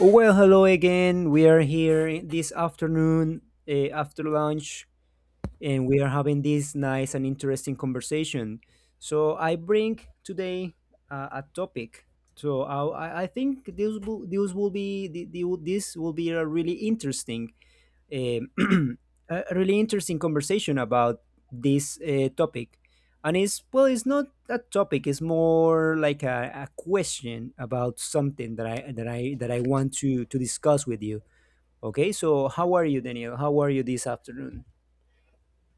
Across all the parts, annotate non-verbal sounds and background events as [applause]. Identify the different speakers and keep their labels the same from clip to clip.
Speaker 1: Well, hello again. We are here this afternoon after lunch, and we are having this nice and interesting conversation. So I bring today a topic. So I think this will be the, this will be a really interesting um [clears throat] a really interesting conversation about this topic, and it's not a topic, it's more like a question about something that I want to discuss with you. Okay, so how are you, Daniel? How are you this afternoon?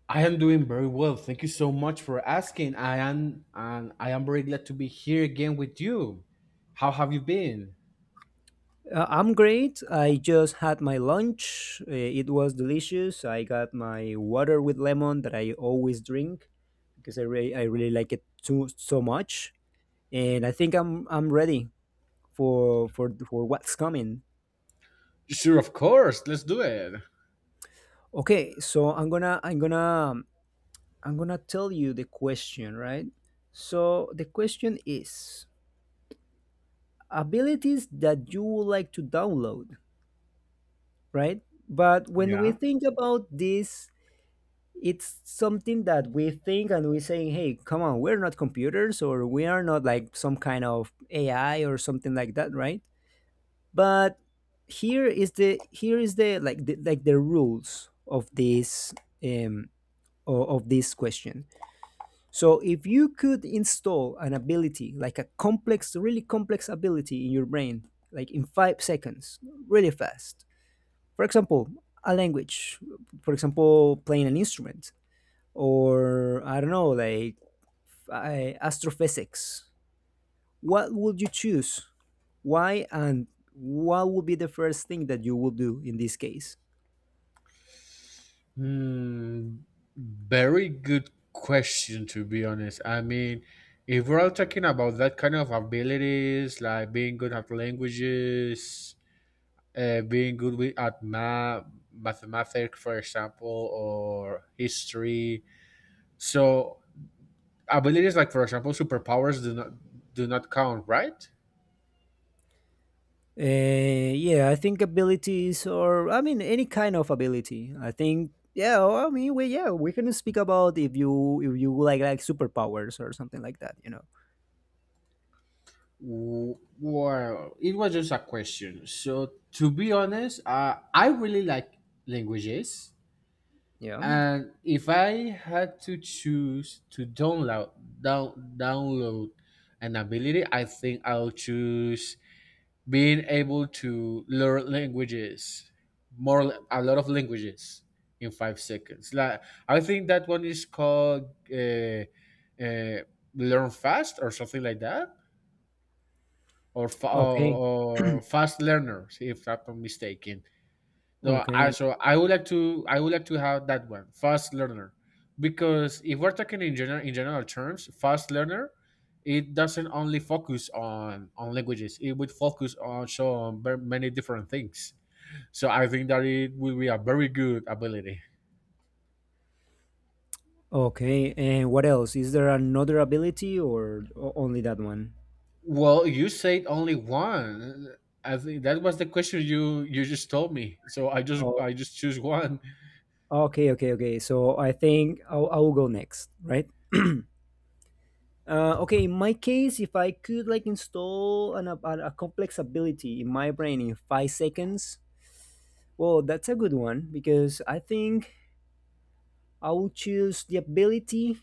Speaker 2: I am doing very well. Thank you so much for asking. I am very glad to be here again with you. How have you been?
Speaker 1: I'm great. I just had my lunch. It was delicious. I got my water with lemon that I always drink because I really like it too so much, and I think I'm ready for what's coming.
Speaker 2: Sure, of course. Let's do it.
Speaker 1: Okay, so I'm gonna tell you the question, right? So the question is abilities that you would like to download, right? But when we
Speaker 2: Yeah.
Speaker 1: think about this, it's something that we think and we saying, hey, come on, we're not computers, or we are not like some kind of AI or something like that, right? But here is the, like the rules of this um of this question. So if you could install an ability, like a complex, really complex ability in your brain, like in 5 seconds, really fast. For example, a language. For example, playing an instrument, or I don't know, like astrophysics. What would you choose? Why, and what would be the first thing that you would do in this case?
Speaker 2: Hmm, Very good question, to be honest. I mean, if we're all talking about that kind of abilities, like being good at languages, being good at math, mathematics, for example, or history. So abilities like for example superpowers do not count, right?
Speaker 1: Yeah, I think abilities, or I mean, any kind of ability. I think, yeah, well, I mean, we can speak about if you like superpowers or something like that, you know.
Speaker 2: W- Well, it was just a question. So to be honest, I really like languages,
Speaker 1: Yeah.
Speaker 2: and if I had to choose to download an ability, I think I'll choose being able to learn languages, more a lot of languages in 5 seconds. Like, I think that one is called uh, uh, learn fast or something like that, or, fa- or,
Speaker 1: Okay.
Speaker 2: or fast learners if I'm not mistaken. No, I
Speaker 1: Okay.
Speaker 2: So I would like to, I would like to have that one, fast learner, because if we're talking in general, terms, fast learner, it doesn't only focus on languages. It would focus also on many different things. So I think that it will be a very good ability.
Speaker 1: Okay. And what else? Is there another ability, or only that one?
Speaker 2: Well, you said only one. I think that was the question you just told me. So
Speaker 1: Oh,
Speaker 2: I just choose one.
Speaker 1: okay. Okay. Okay. So I think I'll go next, right? [clears throat] Okay, in my case, if I could like install a complex ability in my brain in 5 seconds, well, that's a good one because I think I would choose the ability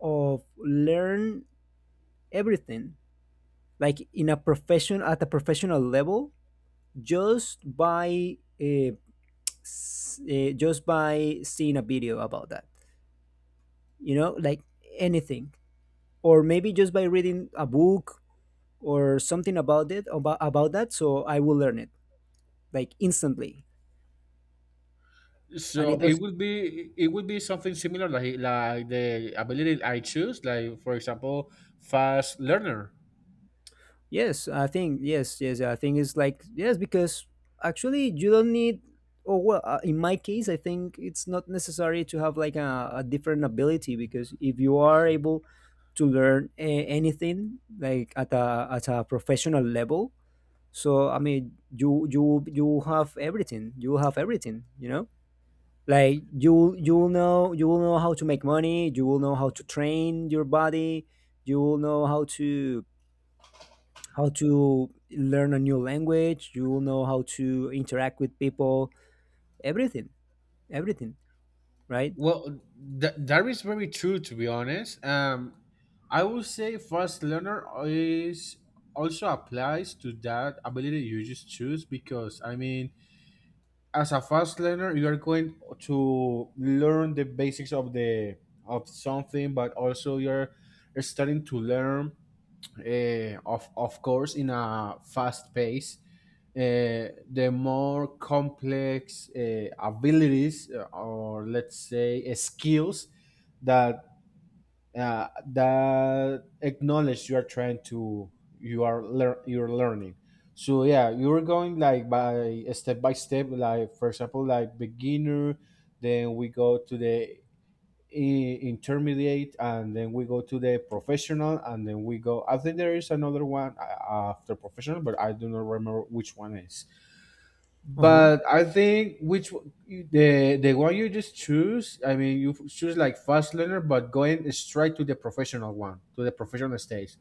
Speaker 1: of learn everything, like in a profession at a professional level, just by just by seeing a video about that. You know, like anything, or maybe just by reading a book or something about that, so I will learn it like instantly. And it
Speaker 2: So it
Speaker 1: does,
Speaker 2: would be something similar, like the ability I choose, like for example, fast learner.
Speaker 1: yes, I think, yes I think it's like yes, because actually you don't need. Oh well, in my case I think it's not necessary to have like a different ability, because if you are able to learn anything like at a professional level, so I mean you you have everything. You have everything, you know, like you will know. You will know how to make money. You will know how to train your body. You will know how to learn a new language. You will know how to interact with people. Everything. Everything. Right.
Speaker 2: Well, that is very true, to be honest. I would say fast learner is also applies to that ability you just choose. Because I mean, as a fast learner, you are going to learn the basics of the of something, but also you're starting to learn of course in a fast pace the more complex abilities, or let's say skills that that acknowledge you are trying to, you are you're learning. So yeah, you're going like by step by step, like for example, like beginner, then we go to the intermediate, and then we go to the professional, and then we go, I think there is another one after professional, but I do not remember which one is.
Speaker 1: Uh-huh.
Speaker 2: But I think the one you just choose, I mean, you choose like fast learner, but going straight to the professional one, to the professional stage.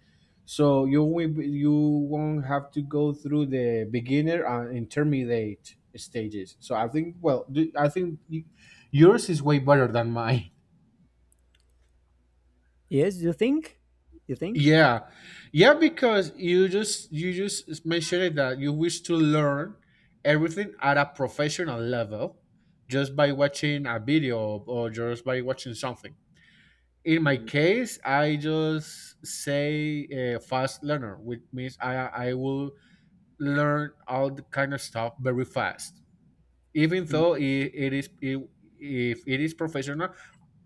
Speaker 2: So you won't have to go through the beginner and intermediate stages. So I think, I think yours is way better than mine.
Speaker 1: Yes, you think? You think?
Speaker 2: Yeah, yeah, because you just mentioned that you wish to learn everything at a professional level just by watching a video or just by watching something. In my
Speaker 1: Mhm.
Speaker 2: case, I just say a fast learner, which means I will learn all the kind of stuff very fast, even though
Speaker 1: Mm.
Speaker 2: if it is professional,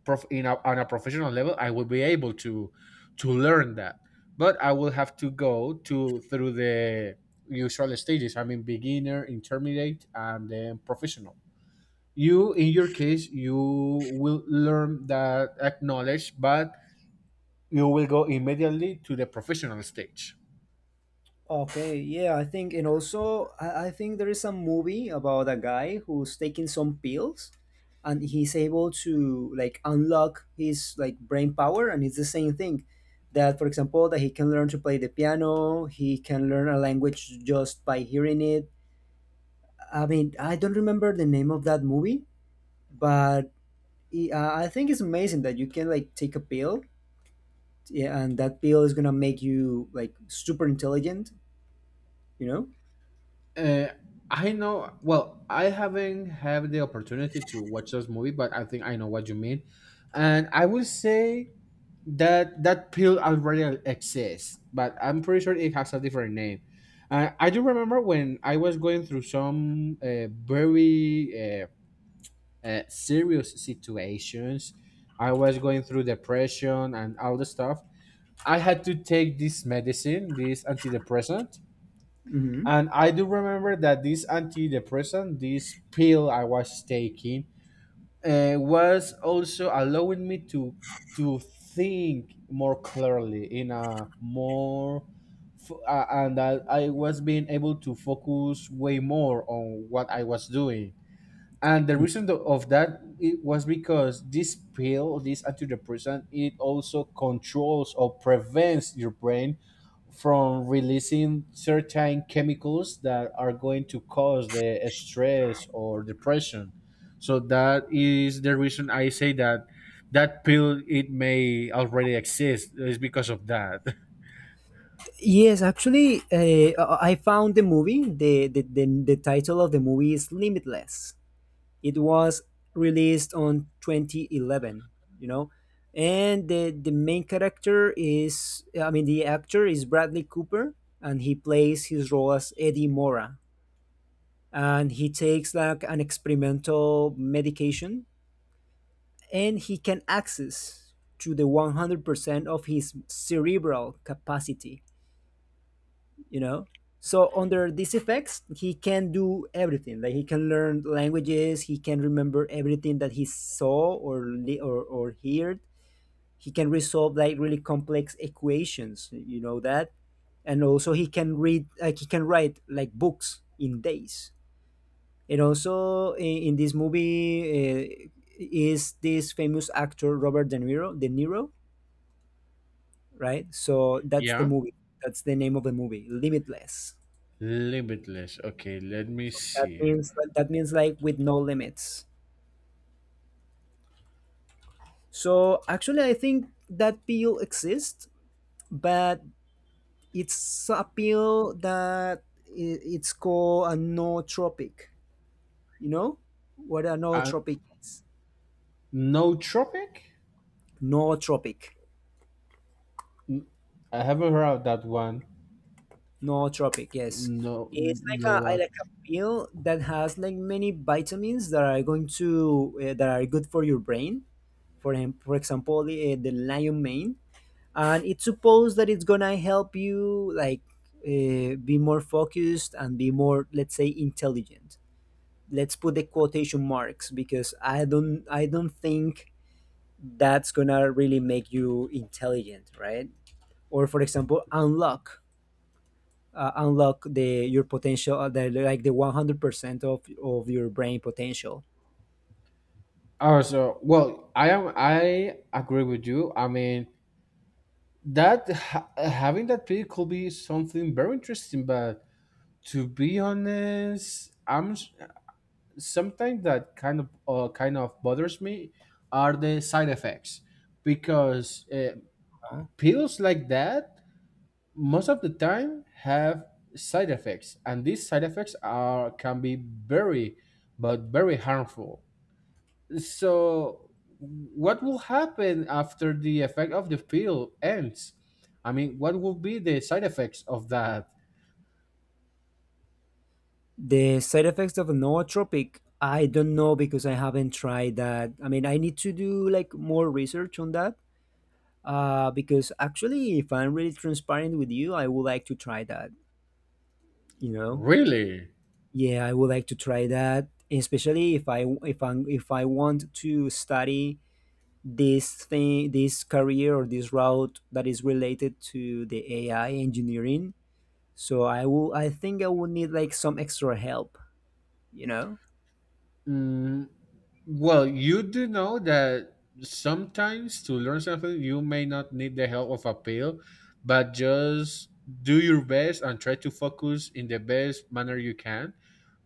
Speaker 2: in a, on a professional level, I will be able to learn that, but I will have to go to through the usual stages. I mean, beginner, intermediate, and then professional. You, in your case, you will learn that acknowledge, but you will go immediately to the professional stage.
Speaker 1: Okay, yeah, I think. And also I think there is some movie about a guy who's taking some pills, and he's able to like unlock his like brain power, and it's the same thing that, for example, that he can learn to play the piano, he can learn a language just by hearing it. I mean, I don't remember the name of that movie, but I think it's amazing that you can like take a pill, yeah, and that pill is gonna make you like super intelligent. You know.
Speaker 2: uh, I know. Well, I haven't had the opportunity to watch this movie, but I think I know what you mean. And I will say that that pill already exists, but I'm pretty sure it has a different name. I do remember when I was going through some very serious situations. I was going through depression and all the stuff. I had to take this medicine, this antidepressant,
Speaker 1: Hmm.
Speaker 2: and I do remember that this antidepressant, this pill I was taking, was also allowing me to think more clearly in a more and I was being able to focus way more on what I was doing. And the reason of that it was because this pill, this antidepressant, it also controls or prevents your brain from releasing certain chemicals that are going to cause the stress or depression. So that is the reason I say that that pill it may already exist is because of that. [laughs]
Speaker 1: Yes, actually, I found the movie. The title of the movie is Limitless. It was released on 2011. You know, and the main character is, I mean, the actor is Bradley Cooper, and he plays his role as Eddie Mora, and he takes like an experimental medication, and he can access to the 100% of his cerebral capacity, you know, so under these effects he can do everything. Like he can learn languages, he can remember everything that he saw or or heard, he can resolve like really complex equations, you know that, and also he can write like books in days. And also in this movie is this famous actor Robert De Niro, right? So that's the
Speaker 2: Yeah,
Speaker 1: movie. That's the name of the movie, Limitless.
Speaker 2: limitless. Okay, let me
Speaker 1: So that
Speaker 2: see.
Speaker 1: means, that means like with no limits. So actually, I think that pill exists, but it's a pill that it's called a nootropic. You know what a
Speaker 2: Uh,
Speaker 1: nootropic is?
Speaker 2: nootropic.
Speaker 1: Nootropic.
Speaker 2: I haven't heard of that one.
Speaker 1: No tropic, yes.
Speaker 2: No,
Speaker 1: It's like
Speaker 2: no.
Speaker 1: a pill that has like many vitamins that are going to that are good for your brain. For him, for example, the lion mane, and it's supposed that it's gonna help you like be more focused and be more, let's say, intelligent. Let's put the quotation marks because I don't think that's gonna really make you intelligent, right? Or for example, unlock unlock the your potential, like the 100% of your brain potential.
Speaker 2: Oh, so well, I am. I agree with you. I mean, that having that pick could be something very interesting, but to be honest, something that kind of bothers me are the side effects, because
Speaker 1: Huh?
Speaker 2: pills like that most of the time have side effects, and these side effects are can be very but very harmful. So, what will happen after the effect of the pill ends? I mean, what will be the side effects of that?
Speaker 1: The side effects of nootropic, I don't know because I haven't tried that. I mean, I need to do like more research on that. Because actually, if I'm really transparent with you, I would like to try that. You know,
Speaker 2: Really?
Speaker 1: yeah, I would like to try that, especially if I am if I want to study this thing, this career or this route that is related to the AI engineering. So I think I will need like some extra help, you know?
Speaker 2: Mm, well, you do know that sometimes to learn something, you may not need the help of a pill, but just do your best and try to focus in the best manner you can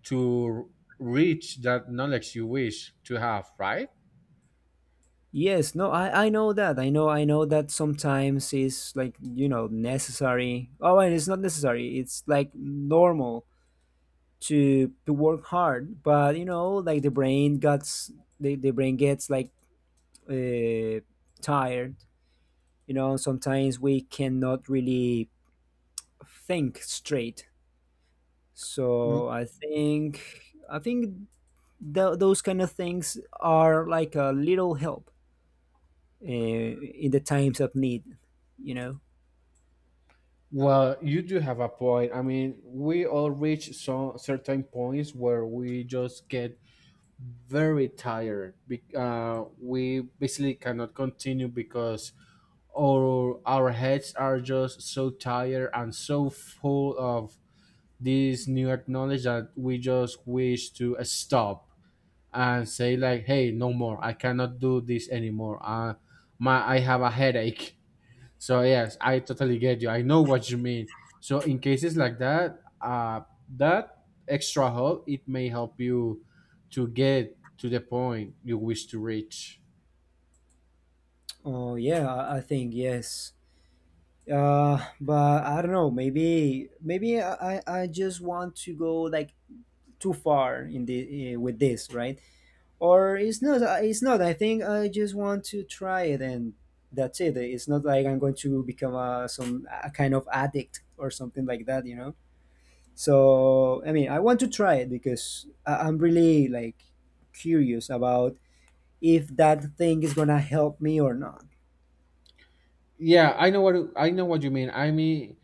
Speaker 2: to reach that knowledge you wish to have, right?
Speaker 1: Yes, no, I know that. I know that sometimes it's like, you know, necessary. Oh, and it's not necessary. It's like normal to work hard, but you know, like the brain gets like uh, tired. You know, sometimes we cannot really think straight, so i think those kind of things are like a little help in the times of need, you know.
Speaker 2: Well, you do have a point. I mean, we all reach some certain points where we just get very tired. We basically cannot continue because our heads are just so tired and so full of this new knowledge that we just wish to stop and say like, "Hey, no more! I cannot do this anymore. My I have a headache." So yes, I totally get you. I know what you mean. So in cases like that, that extra help it may help you to get to the point you wish to reach.
Speaker 1: Oh yeah, I think yes. But I don't know, maybe I just want to go like too far in the with this, right? Or it's not, it's not, I think I just want to try it, and that's it. It's not like I'm going to become a some a kind of addict or something like that, you know? So I mean, I want to try it because I'm really like curious about if that thing is gonna help me or not.
Speaker 2: Yeah, I know what you mean. I mean,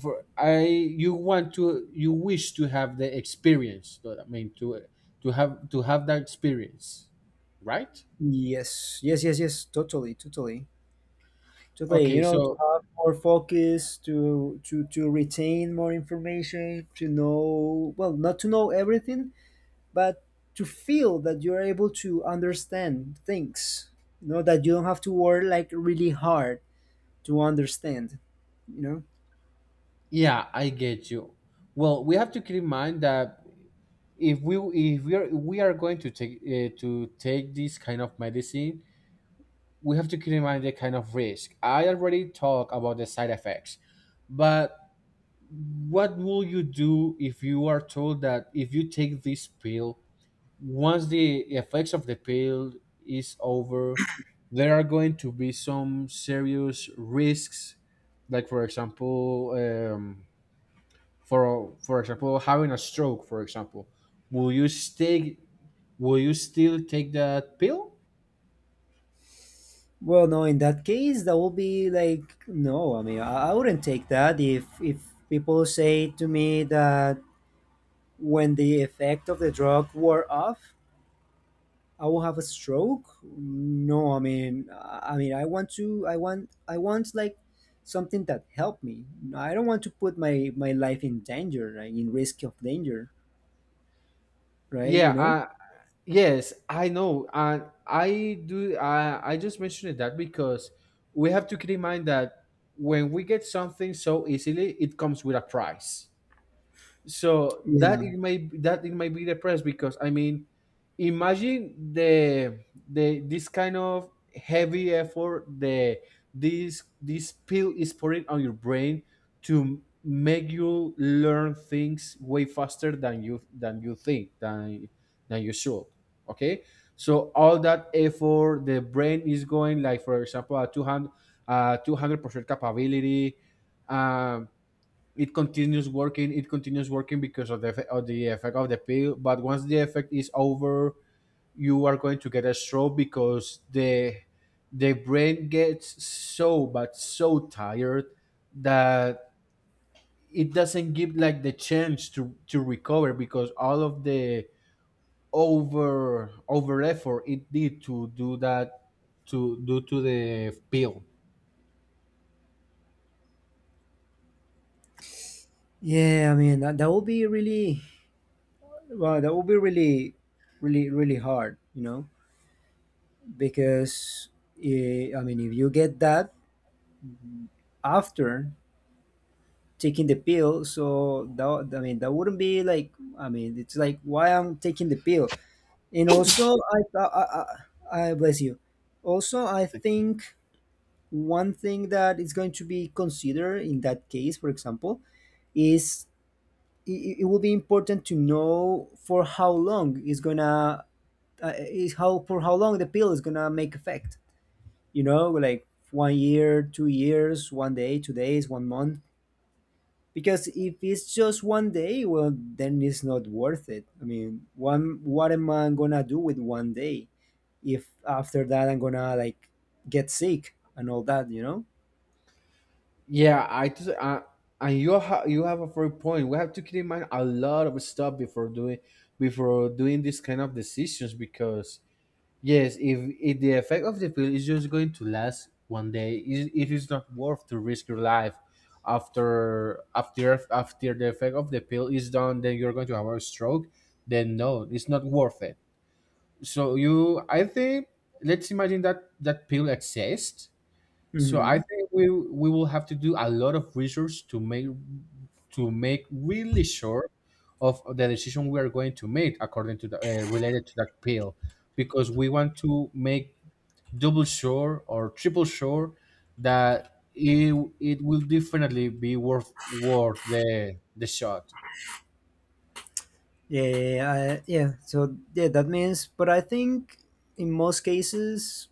Speaker 2: for I you want to, you wish to have the experience. So I mean, to have that experience, right?
Speaker 1: Yes, yes, yes, yes. Totally, totally, totally. You
Speaker 2: Okay,
Speaker 1: know, to
Speaker 2: so
Speaker 1: have more focus, to retain more information, to know, well, not to know everything, but to feel that you're able to understand things. You know that you don't have to work like really hard to understand. You know.
Speaker 2: yeah, I get you. Well, we have to keep in mind that if we if we are, we are going to take this kind of medicine. We have to keep in mind the kind of risk I already talked about, the side effects. But what will you do if you are told that if you take this pill, once the effects of the pill is over, there are going to be some serious risks, like for example, for example having a stroke, for example, will you stay will you still take that pill?
Speaker 1: Well, no, in that case, that will be like no. I mean, I wouldn't take that if people say to me that when the effect of the drug wore off, I will have a stroke. No, I mean, I mean, I want to, I want like something that helped me. I don't want to put my my life in danger, right? In risk of danger, right?
Speaker 2: Yeah,
Speaker 1: You know?
Speaker 2: yes, I know. And I do, I just mentioned that because we have to keep in mind that when we get something so easily, it comes with a price. So that
Speaker 1: Yeah,
Speaker 2: it may, be depressed, because I mean, imagine the this kind of heavy effort the this pill is putting on your brain to make you learn things way faster than you, than you think than you should. Okay, so all that effort the brain is going like, for example, a 200, uh, 200% capability. Um, it continues working, because of the effect of the pill. But once the effect is over, you are going to get a stroke, because the brain gets so but so tired that it doesn't give like the chance to recover, because all of the over effort it did to do that, to do to the pill
Speaker 1: yeah. I mean, that that would be really, well, that would be really, really, really hard. You know? Because eh, I mean, if you get that after taking the pill, so that I mean, that wouldn't be like, I mean, it's like why I'm taking the pill. And also, I bless you. Also, I think one thing that is going to be considered in that case, for example, is it will be important to know for how long is gonna is how for how long the pill is gonna make effect, you know, like 1 year, 2 years, 1 day, 2 days, 1 month. Because if it's just 1 day, well, then it's not worth it. I mean, one, what am I gonna do with 1 day if after that I'm gonna like get sick and all that, you know?
Speaker 2: Yeah, I just and you have a fair point. We have to keep in mind a lot of stuff before doing, this kind of decisions, because yes, if the effect of the pill is just going to last one day, it is not worth to risk your life after the effect of the pill is done. Then you're going to have a stroke. Then no, it's not worth it. So you, I think, let's imagine that that pill exists. So I
Speaker 1: Mm-hmm.
Speaker 2: think we will have to do a lot of research to make, really sure of the decision we are going to make according to the related to that pill, because we want to make double sure or triple sure that it will definitely be worth, the shot.
Speaker 1: Yeah. So yeah, that means. But I think in most cases,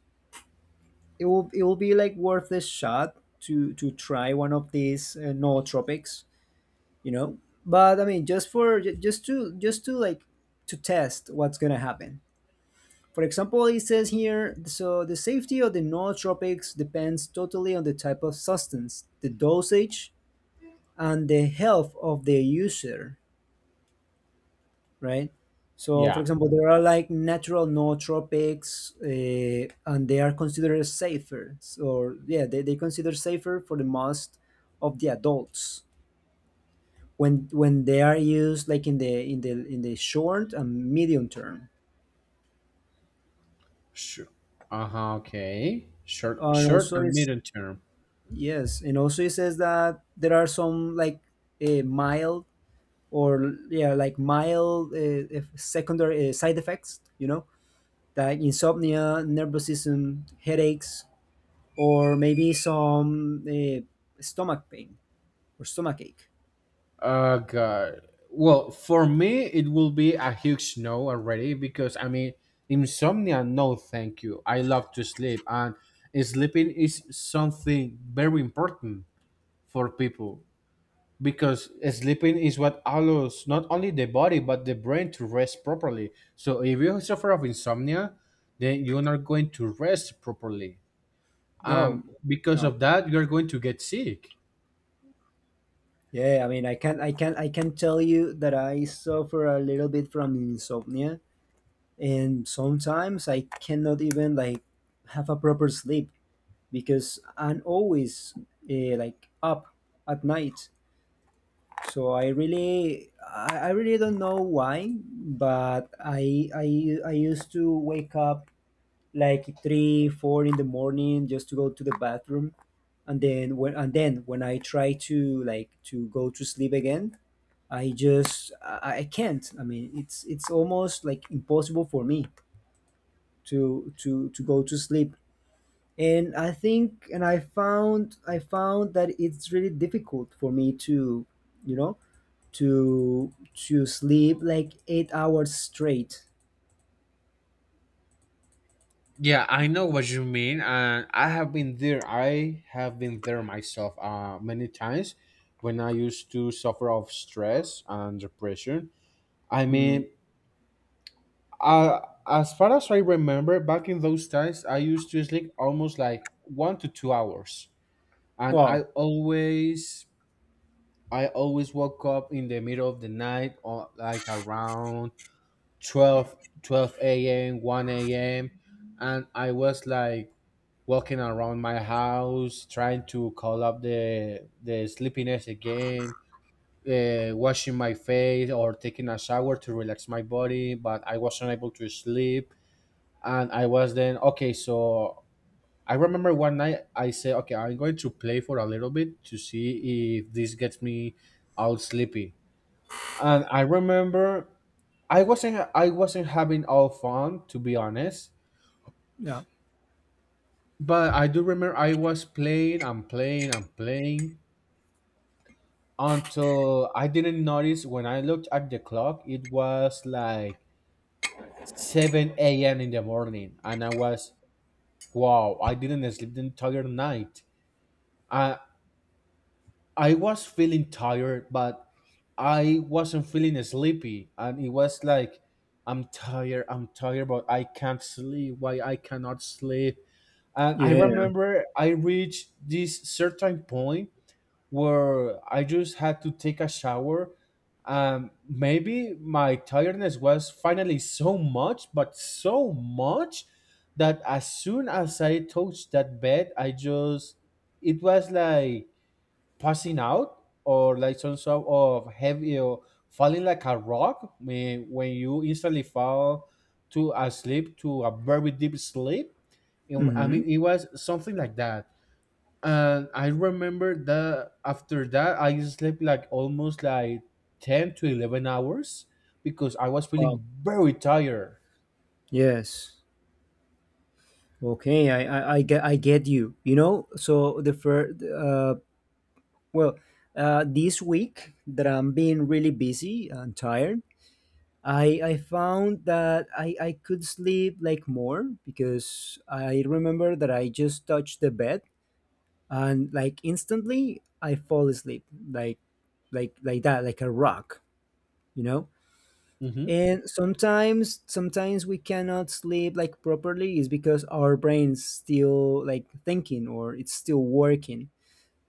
Speaker 1: it will be like worth a shot to try one of these nootropics, you know but I mean, just for ju- just to just to, like, to test what's going to happen. For example, it says here, so the safety of the nootropics depends totally on the type of substance, the dosage, and the health of the user, right? So for
Speaker 2: Yeah.
Speaker 1: example, there are like natural nootropics, and they are considered safer. Or yeah, they consider safer for the most of the adults when they are used, like, in the in the short and medium term.
Speaker 2: Sure. Uh huh. Okay.
Speaker 1: And
Speaker 2: Short
Speaker 1: also
Speaker 2: and
Speaker 1: is
Speaker 2: medium term.
Speaker 1: Yes, and also it says that there are some, like, a mild, or yeah, like mild if secondary side effects, like insomnia, nervous system headaches, or maybe some stomach pain or stomach ache.
Speaker 2: God. Well, for me, it will be a huge no already, because I mean, insomnia, no, thank you. I love to sleep, and sleeping is something very important for people, because sleeping is what allows not only the body but the brain to rest properly. So, if you suffer of insomnia, then you are not going to rest properly.
Speaker 1: No.
Speaker 2: Because
Speaker 1: No.
Speaker 2: of that, you are going to get sick.
Speaker 1: Yeah, I mean, I can tell you that I suffer a little bit from insomnia, and sometimes I cannot even, like, have a proper sleep because I'm always, like, up at night. So I really, I really don't know why, but I used to wake up like three, four in the morning just to go to the bathroom, and then when I try to, like, to go to sleep again, I just I can't. I mean, it's almost, like, impossible for me to go to sleep. And I think, and I found I found that it's really difficult for me to, you know to sleep like 8 hours straight.
Speaker 2: Yeah, I know what you mean, and I have been there. I have been there myself many times when I used to suffer of stress and depression. I
Speaker 1: Mm.
Speaker 2: mean, uh, as far as I remember, back in those times, I used to sleep almost like 1 to 2 hours, and
Speaker 1: Wow.
Speaker 2: I always woke up in the middle of the night, or like around 12, 12 a.m., one a.m., and I was like walking around my house, trying to call up the sleepiness again, washing my face or taking a shower to relax my body, but I was not able to sleep, and I was then okay. So I remember one night I said, okay, I'm going to play for a little bit to see if this gets me all sleepy, and I remember. I wasn't having all fun, to be honest,
Speaker 1: Yeah,
Speaker 2: but I do remember I was playing and playing and playing until I didn't notice. When I looked at the clock, it was like 7 a.m. in the morning. And I was, wow, I didn't sleep the entire night. I, I was feeling tired, but I wasn't feeling sleepy. And it was like, I'm tired, but I can't sleep. Why I cannot sleep? And I
Speaker 1: yeah.
Speaker 2: remember I reached this certain point where I just had to take a shower. Maybe my tiredness was finally so much, but so much that as soon as I touched that bed, I just, it was like passing out or like some sort of heavy, or falling like a rock, when you instantly fall to a sleep, to a very deep sleep. I
Speaker 1: Mm-hmm.
Speaker 2: mean, it was something like that, and I remember that after that I slept like almost like 10 to 11 hours because I was
Speaker 1: Wow.
Speaker 2: feeling very tired.
Speaker 1: Yes. Okay, I get you, you know? So the first, well this week that I'm being really busy and tired, I found that I could sleep, like, more, because I remember that I just touched the bed and, like, instantly I fall asleep, like, like that, like a rock, you know?
Speaker 2: hmm
Speaker 1: And sometimes we cannot sleep like properly is because our brain's still, like, thinking, or it's still working.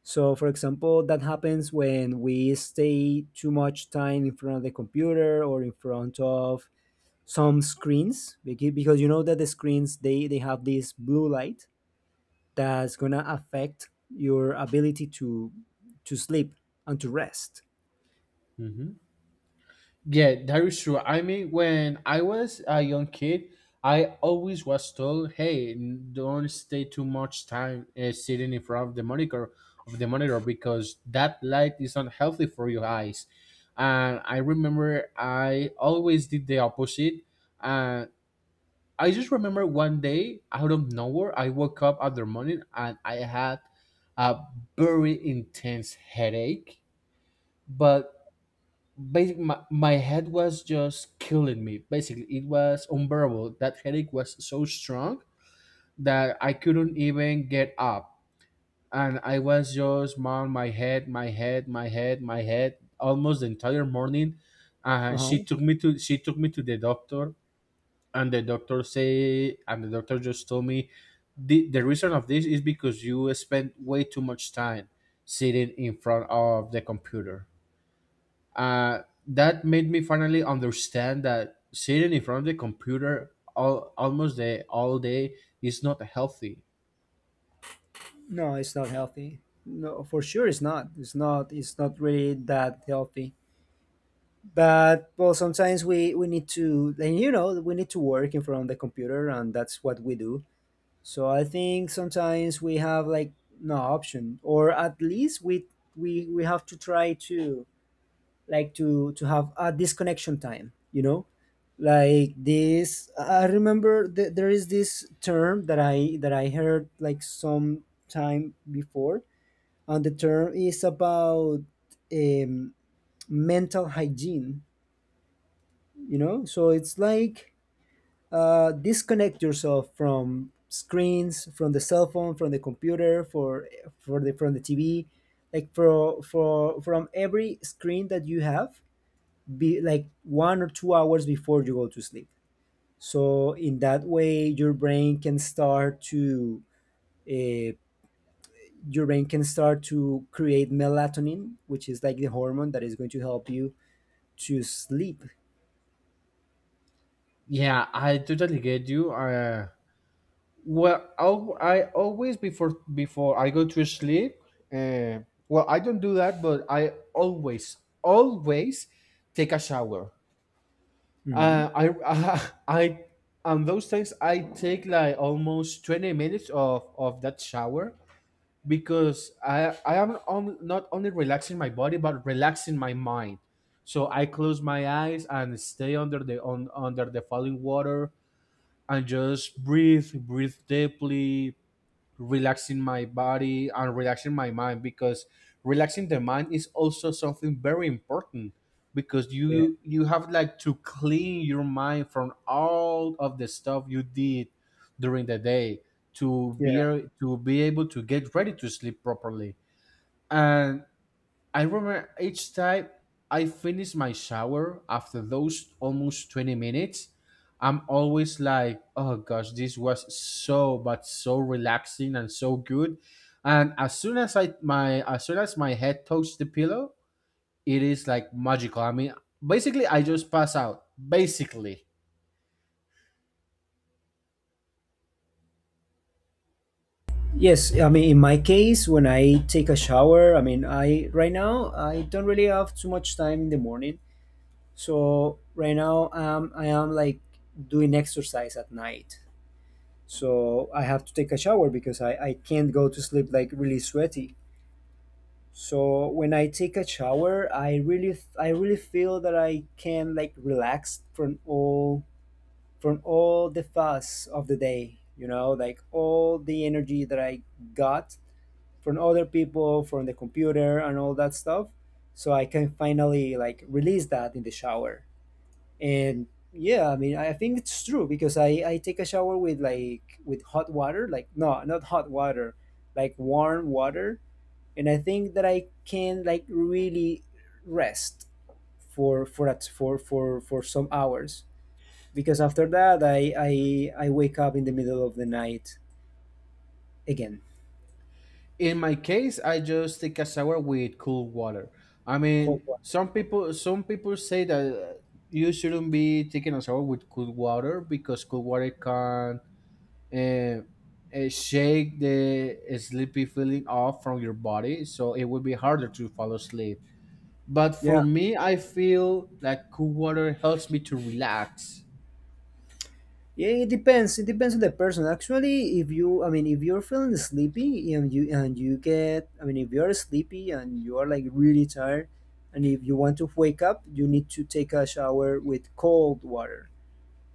Speaker 1: So, for example, that happens when we stay too much time in front of the computer, or in front of some screens, because you know that the screens, they have this blue light that's gonna affect your ability to sleep and to rest.
Speaker 2: hmm yeah, that is true. I mean, when I was a young kid, I always was told, hey, don't stay too much time sitting in front of the monitor, because that light is unhealthy for your eyes. And I remember I always did the opposite. And I just remember one day out of nowhere, I woke up other morning and I had a very intense headache. But basically, my head was just killing me. Basically, it was unbearable. That headache was so strong that I couldn't even get up. And I was just on my head, my head, my head, my head, almost the entire morning. And
Speaker 1: Uh-huh.
Speaker 2: she took me to the doctor, and the doctor just told me, the reason of this is because you spend way too much time sitting in front of the computer. uh, that made me finally understand that sitting in front of the computer almost the all day is not healthy.
Speaker 1: No, it's not healthy. No, for sure, it's not, it's not really that healthy. But well, sometimes we need to, and you know, we need to work in front of the computer, and that's what we do. So I think sometimes we have, like, no option, or at least we have to try to, like, to have a disconnection time, you know? Like this, I remember there is this term that I heard like some time before, and the term is about, um, mental hygiene, you know? So it's like, disconnect yourself from screens, from the cell phone, from the computer, for the from the TV, like, for from every screen that you have, be like 1 or 2 hours before you go to sleep. So in that way, your brain can start to, uh, your brain can start to create melatonin, which is like the hormone that is going to help you to sleep.
Speaker 2: Yeah, I totally get you. Well, I always before I go to sleep. Uh, well, I don't do that, but I always take a shower.
Speaker 1: Mhm.
Speaker 2: [laughs] I, on those things, I take like almost 20 minutes of that shower, because I am on, not only relaxing my body but relaxing my mind. So I close my eyes and stay under the on under the falling water and just breathe deeply, relaxing my body and relaxing my mind, because relaxing the mind is also something very important, because
Speaker 1: Yeah.
Speaker 2: you have like to clean your mind from all of the stuff you did during the day to
Speaker 1: Yeah.
Speaker 2: to be able to get ready to sleep properly. And I remember each time I finish my shower after those almost 20 minutes, I'm always like, oh gosh, this was so but so relaxing and so good. And as soon as my head touches the pillow, it is like magical. I mean, basically I just pass out. Basically.
Speaker 1: Yes, I mean, in my case, when I take a shower, I mean, I right now I don't really have too much time in the morning. So right now, I am, like, doing exercise at night. So I have to take a shower, because I can't go to sleep like really sweaty. So when I take a shower, I really feel that I can, like, relax from all, from all the fuss of the day, you know, like all the energy that I got from other people, from the computer, and all that stuff. So I can finally, like, release that in the shower. And yeah, I mean, I think it's true because I take a shower with, like, with hot water, like, no, not hot water, like warm water. And I think that I can, like, really rest for at for some hours, because after that, I wake up in the middle of the night again.
Speaker 2: In my case, I just take a shower with cool water. I
Speaker 1: Cold
Speaker 2: mean,
Speaker 1: water. Okay.
Speaker 2: some people say that you shouldn't be taking a shower with cool water because cool water can uh, shake the sleepy feeling off from your body, so it would be harder to fall asleep. But
Speaker 1: Yeah.
Speaker 2: for me, I feel like cool water helps me to relax.
Speaker 1: Yeah, it depends. It depends on the person. Actually, if you, I mean, if you're feeling sleepy and you get, I mean, if you're sleepy and you are, like, really tired, and if you want to wake up, you need to take a shower with cold water.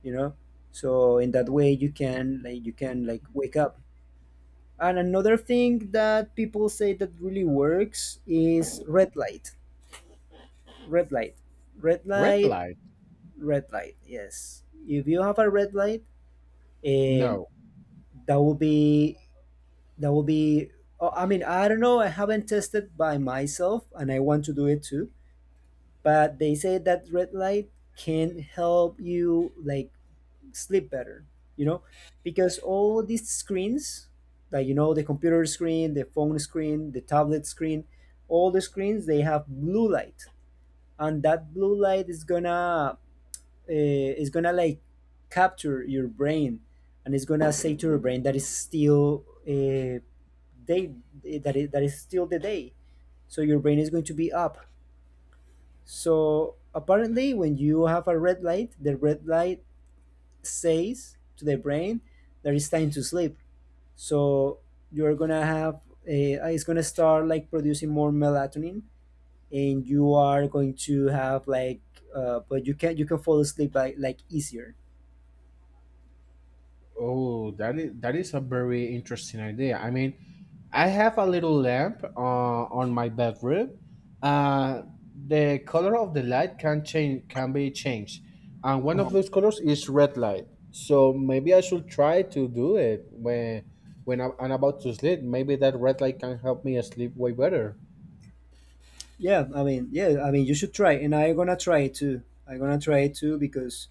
Speaker 1: You know, so in that way you can, like, you can wake up. And another thing that people say that really works is red light. Red light. Red
Speaker 2: Red
Speaker 1: light.
Speaker 2: light?
Speaker 1: Red light. Yes. If you have a red light, um,
Speaker 2: No.
Speaker 1: that will be, That will be, oh, I mean, I don't know. I haven't tested by myself, and I want to do it too. But they say that red light can help you, like, sleep better, you know, because all these screens, like, you know, the computer screen, the phone screen, the tablet screen, all the screens, they have blue light. And that blue light is gonna, is gonna, like, capture your brain, and it's gonna say to your brain that it's still day, that is still the day. So your brain is going to be up. So apparently, when you have a red light, the red light says to the brain that it's time to sleep. So you're gonna have a, it's gonna start, like, producing more melatonin, and you are going to have, like, but you can, you can fall asleep like, easier.
Speaker 2: Oh, that is a very interesting idea. I mean, I have a little lamp on my bedroom. Uh, the color of the light can be changed, and one of
Speaker 1: Oh,
Speaker 2: those colors is red light. So maybe I should try to do it when I'm about to sleep. Maybe that red light can help me sleep way better.
Speaker 1: yeah, I mean, yeah, I mean, you should try, and I'm gonna try it too. I'm gonna try it too because,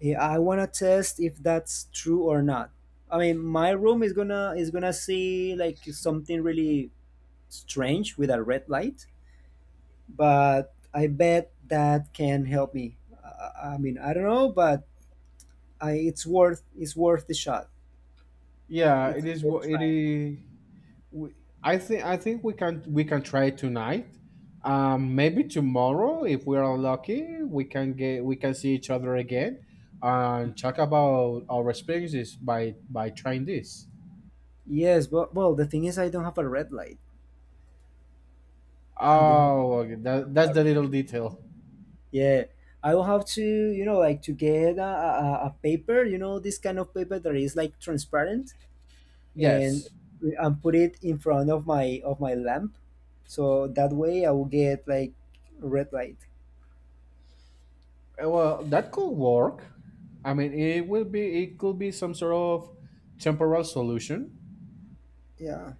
Speaker 1: yeah, I wanna test if that's true or not. I mean, my room is gonna, is gonna see, like, something really strange with a red light, but I bet that can help me. I mean, I don't know, but I, it's worth the shot.
Speaker 2: Yeah, it
Speaker 1: It's
Speaker 2: is.
Speaker 1: worth
Speaker 2: It
Speaker 1: trying.
Speaker 2: is. we, I think we can try tonight. Maybe tomorrow, if we are lucky, we can see each other again and talk about our experiences by trying this.
Speaker 1: Yes, but well, the thing is, I don't have a red light. I don't
Speaker 2: Oh, okay. That's
Speaker 1: have.
Speaker 2: the
Speaker 1: A,
Speaker 2: little detail.
Speaker 1: yeah, I will have to, you know, like, to get a, a paper. You know, this kind of paper that is like transparent, and
Speaker 2: Yes.
Speaker 1: and put it in front of my lamp, so that way I will get, like, red light.
Speaker 2: Well, that could work. I mean, it could be some sort of temporal solution.
Speaker 1: Yeah,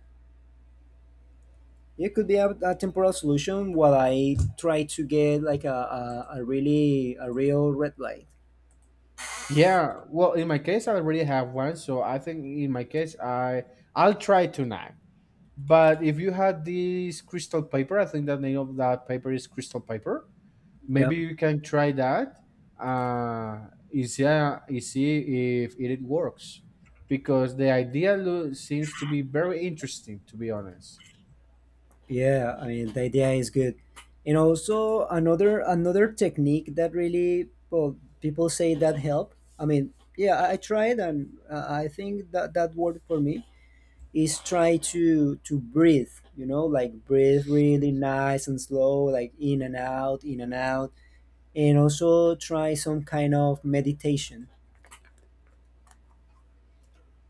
Speaker 1: it could be a temporal solution while I try to get like a, a really a real red light.
Speaker 2: Yeah. Well, in my case, I already have one, so I think in my case, I'll try tonight. But if you had this crystal paper, I think the name of that paper is crystal paper.
Speaker 1: Yeah.
Speaker 2: Maybe you can try that. And see if it works, because the seems to be very interesting. To be honest,
Speaker 1: Yeah, I mean, the idea is good. And also, another technique that really, well, people say that help, I mean, yeah, I tried, and I think that that worked for me, is try to breathe, you know, like breathe really nice and slow, like, in and out, in and out. And also try some kind of meditation.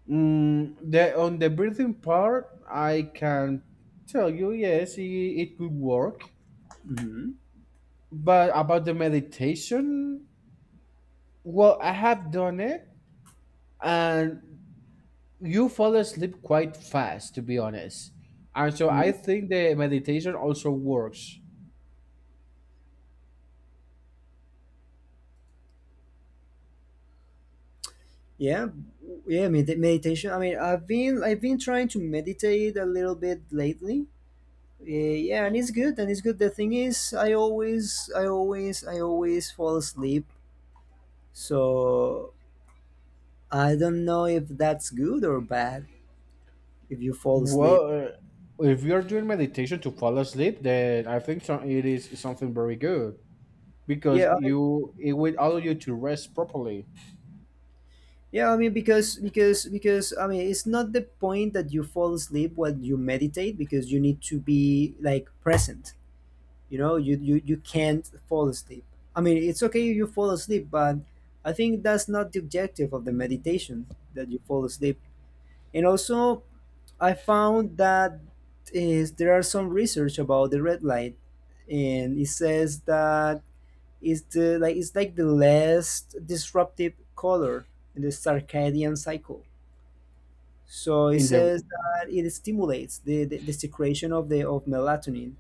Speaker 2: mm, the on the breathing part, I can tell you yes, it could work.
Speaker 1: Hmm.
Speaker 2: But about the meditation, well, I have done it, and you fall asleep quite fast, to be honest. And so I
Speaker 1: Mm.
Speaker 2: think the meditation also works.
Speaker 1: Yeah. Yeah, meditation, I mean, I've been trying to meditate a little bit lately, uh, yeah, and it's good, and it's good. The thing is, I always I always fall asleep, so I don't know if that's good or bad, if you fall asleep.
Speaker 2: Well, if you're doing meditation to fall asleep, then I think so, it is something very good because
Speaker 1: Yeah.
Speaker 2: you, it will allow you to rest properly.
Speaker 1: Yeah, I mean, because I mean, it's not the point that you fall asleep while you meditate, because you need to be, like, present. You know, you can't fall asleep. I mean, it's okay if you fall asleep, but I think that's not the objective of the meditation, that you fall asleep. And also, I found that is there are some research about the red light, and it says that is the, like, it's like the last disruptive color in the circadian cycle. So it
Speaker 2: In the,
Speaker 1: says that it stimulates the, the secretion of the of melatonin.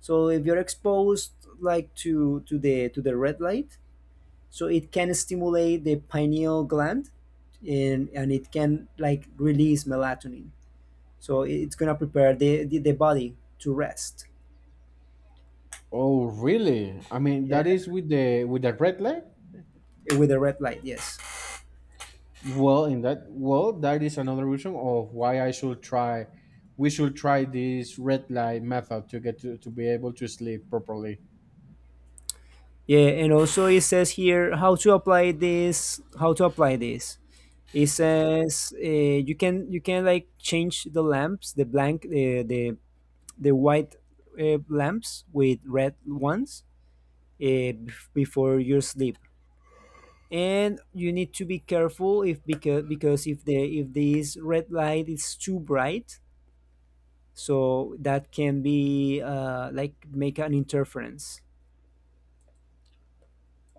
Speaker 1: So if you're exposed, like, to the red light, so it can stimulate the pineal gland, and it can, like, release melatonin. So it's gonna prepare the, the body to rest.
Speaker 2: oh really? I mean,
Speaker 1: Yeah,
Speaker 2: that is with the red light.
Speaker 1: with the red light, yes.
Speaker 2: Well, in that, well, that is another reason of why I should try, we should try this red light method to get to be able to sleep properly.
Speaker 1: Yeah, and also it says here how to apply this. How to apply this? It says, you can, you can like change the lamps, the blank, the white lamps with red ones, before your sleep. And you need to be careful if because because if the if this red light is too bright, so that can be, like, make an interference.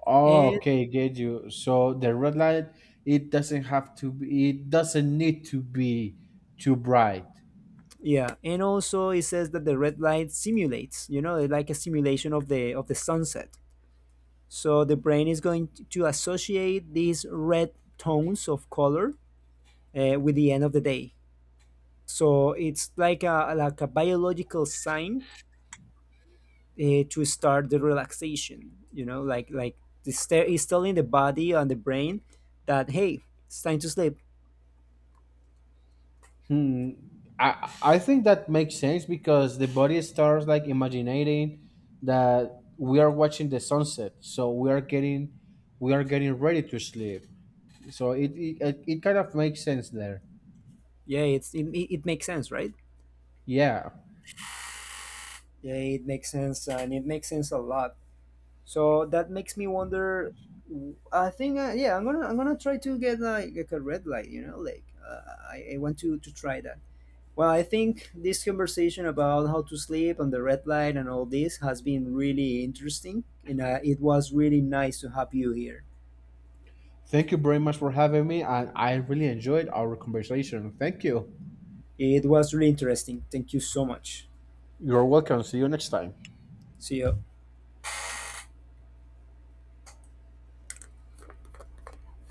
Speaker 2: Oh,
Speaker 1: And
Speaker 2: okay, get you. So the red light, it doesn't need to be too bright.
Speaker 1: yeah, and also it says that the red light simulates, you know, like a simulation of the sunset. So the brain is going to associate these red tones of color with the end of the day. So it's like a, like a biological sign to start the relaxation. You know, like, it's telling the body and the brain that hey, it's time to sleep.
Speaker 2: Hmm. I I think that makes sense because the body starts like imagining that we are watching the sunset, so we are getting ready to sleep. So it kind of makes sense there.
Speaker 1: Yeah, it's it, it makes sense, right?
Speaker 2: Yeah.
Speaker 1: Yeah, it makes sense, and it makes sense a lot. So that makes me wonder. I think, yeah, I'm gonna try to get, like a red light, you know, like, I want to try that. Well, I think this conversation about how to sleep and the red light and all this has been really interesting, and it was really nice to have you here.
Speaker 2: Thank you very much for having me, and I really enjoyed our conversation. Thank you.
Speaker 1: It was really interesting. Thank you so much.
Speaker 2: You're welcome. See you next time.
Speaker 1: See you.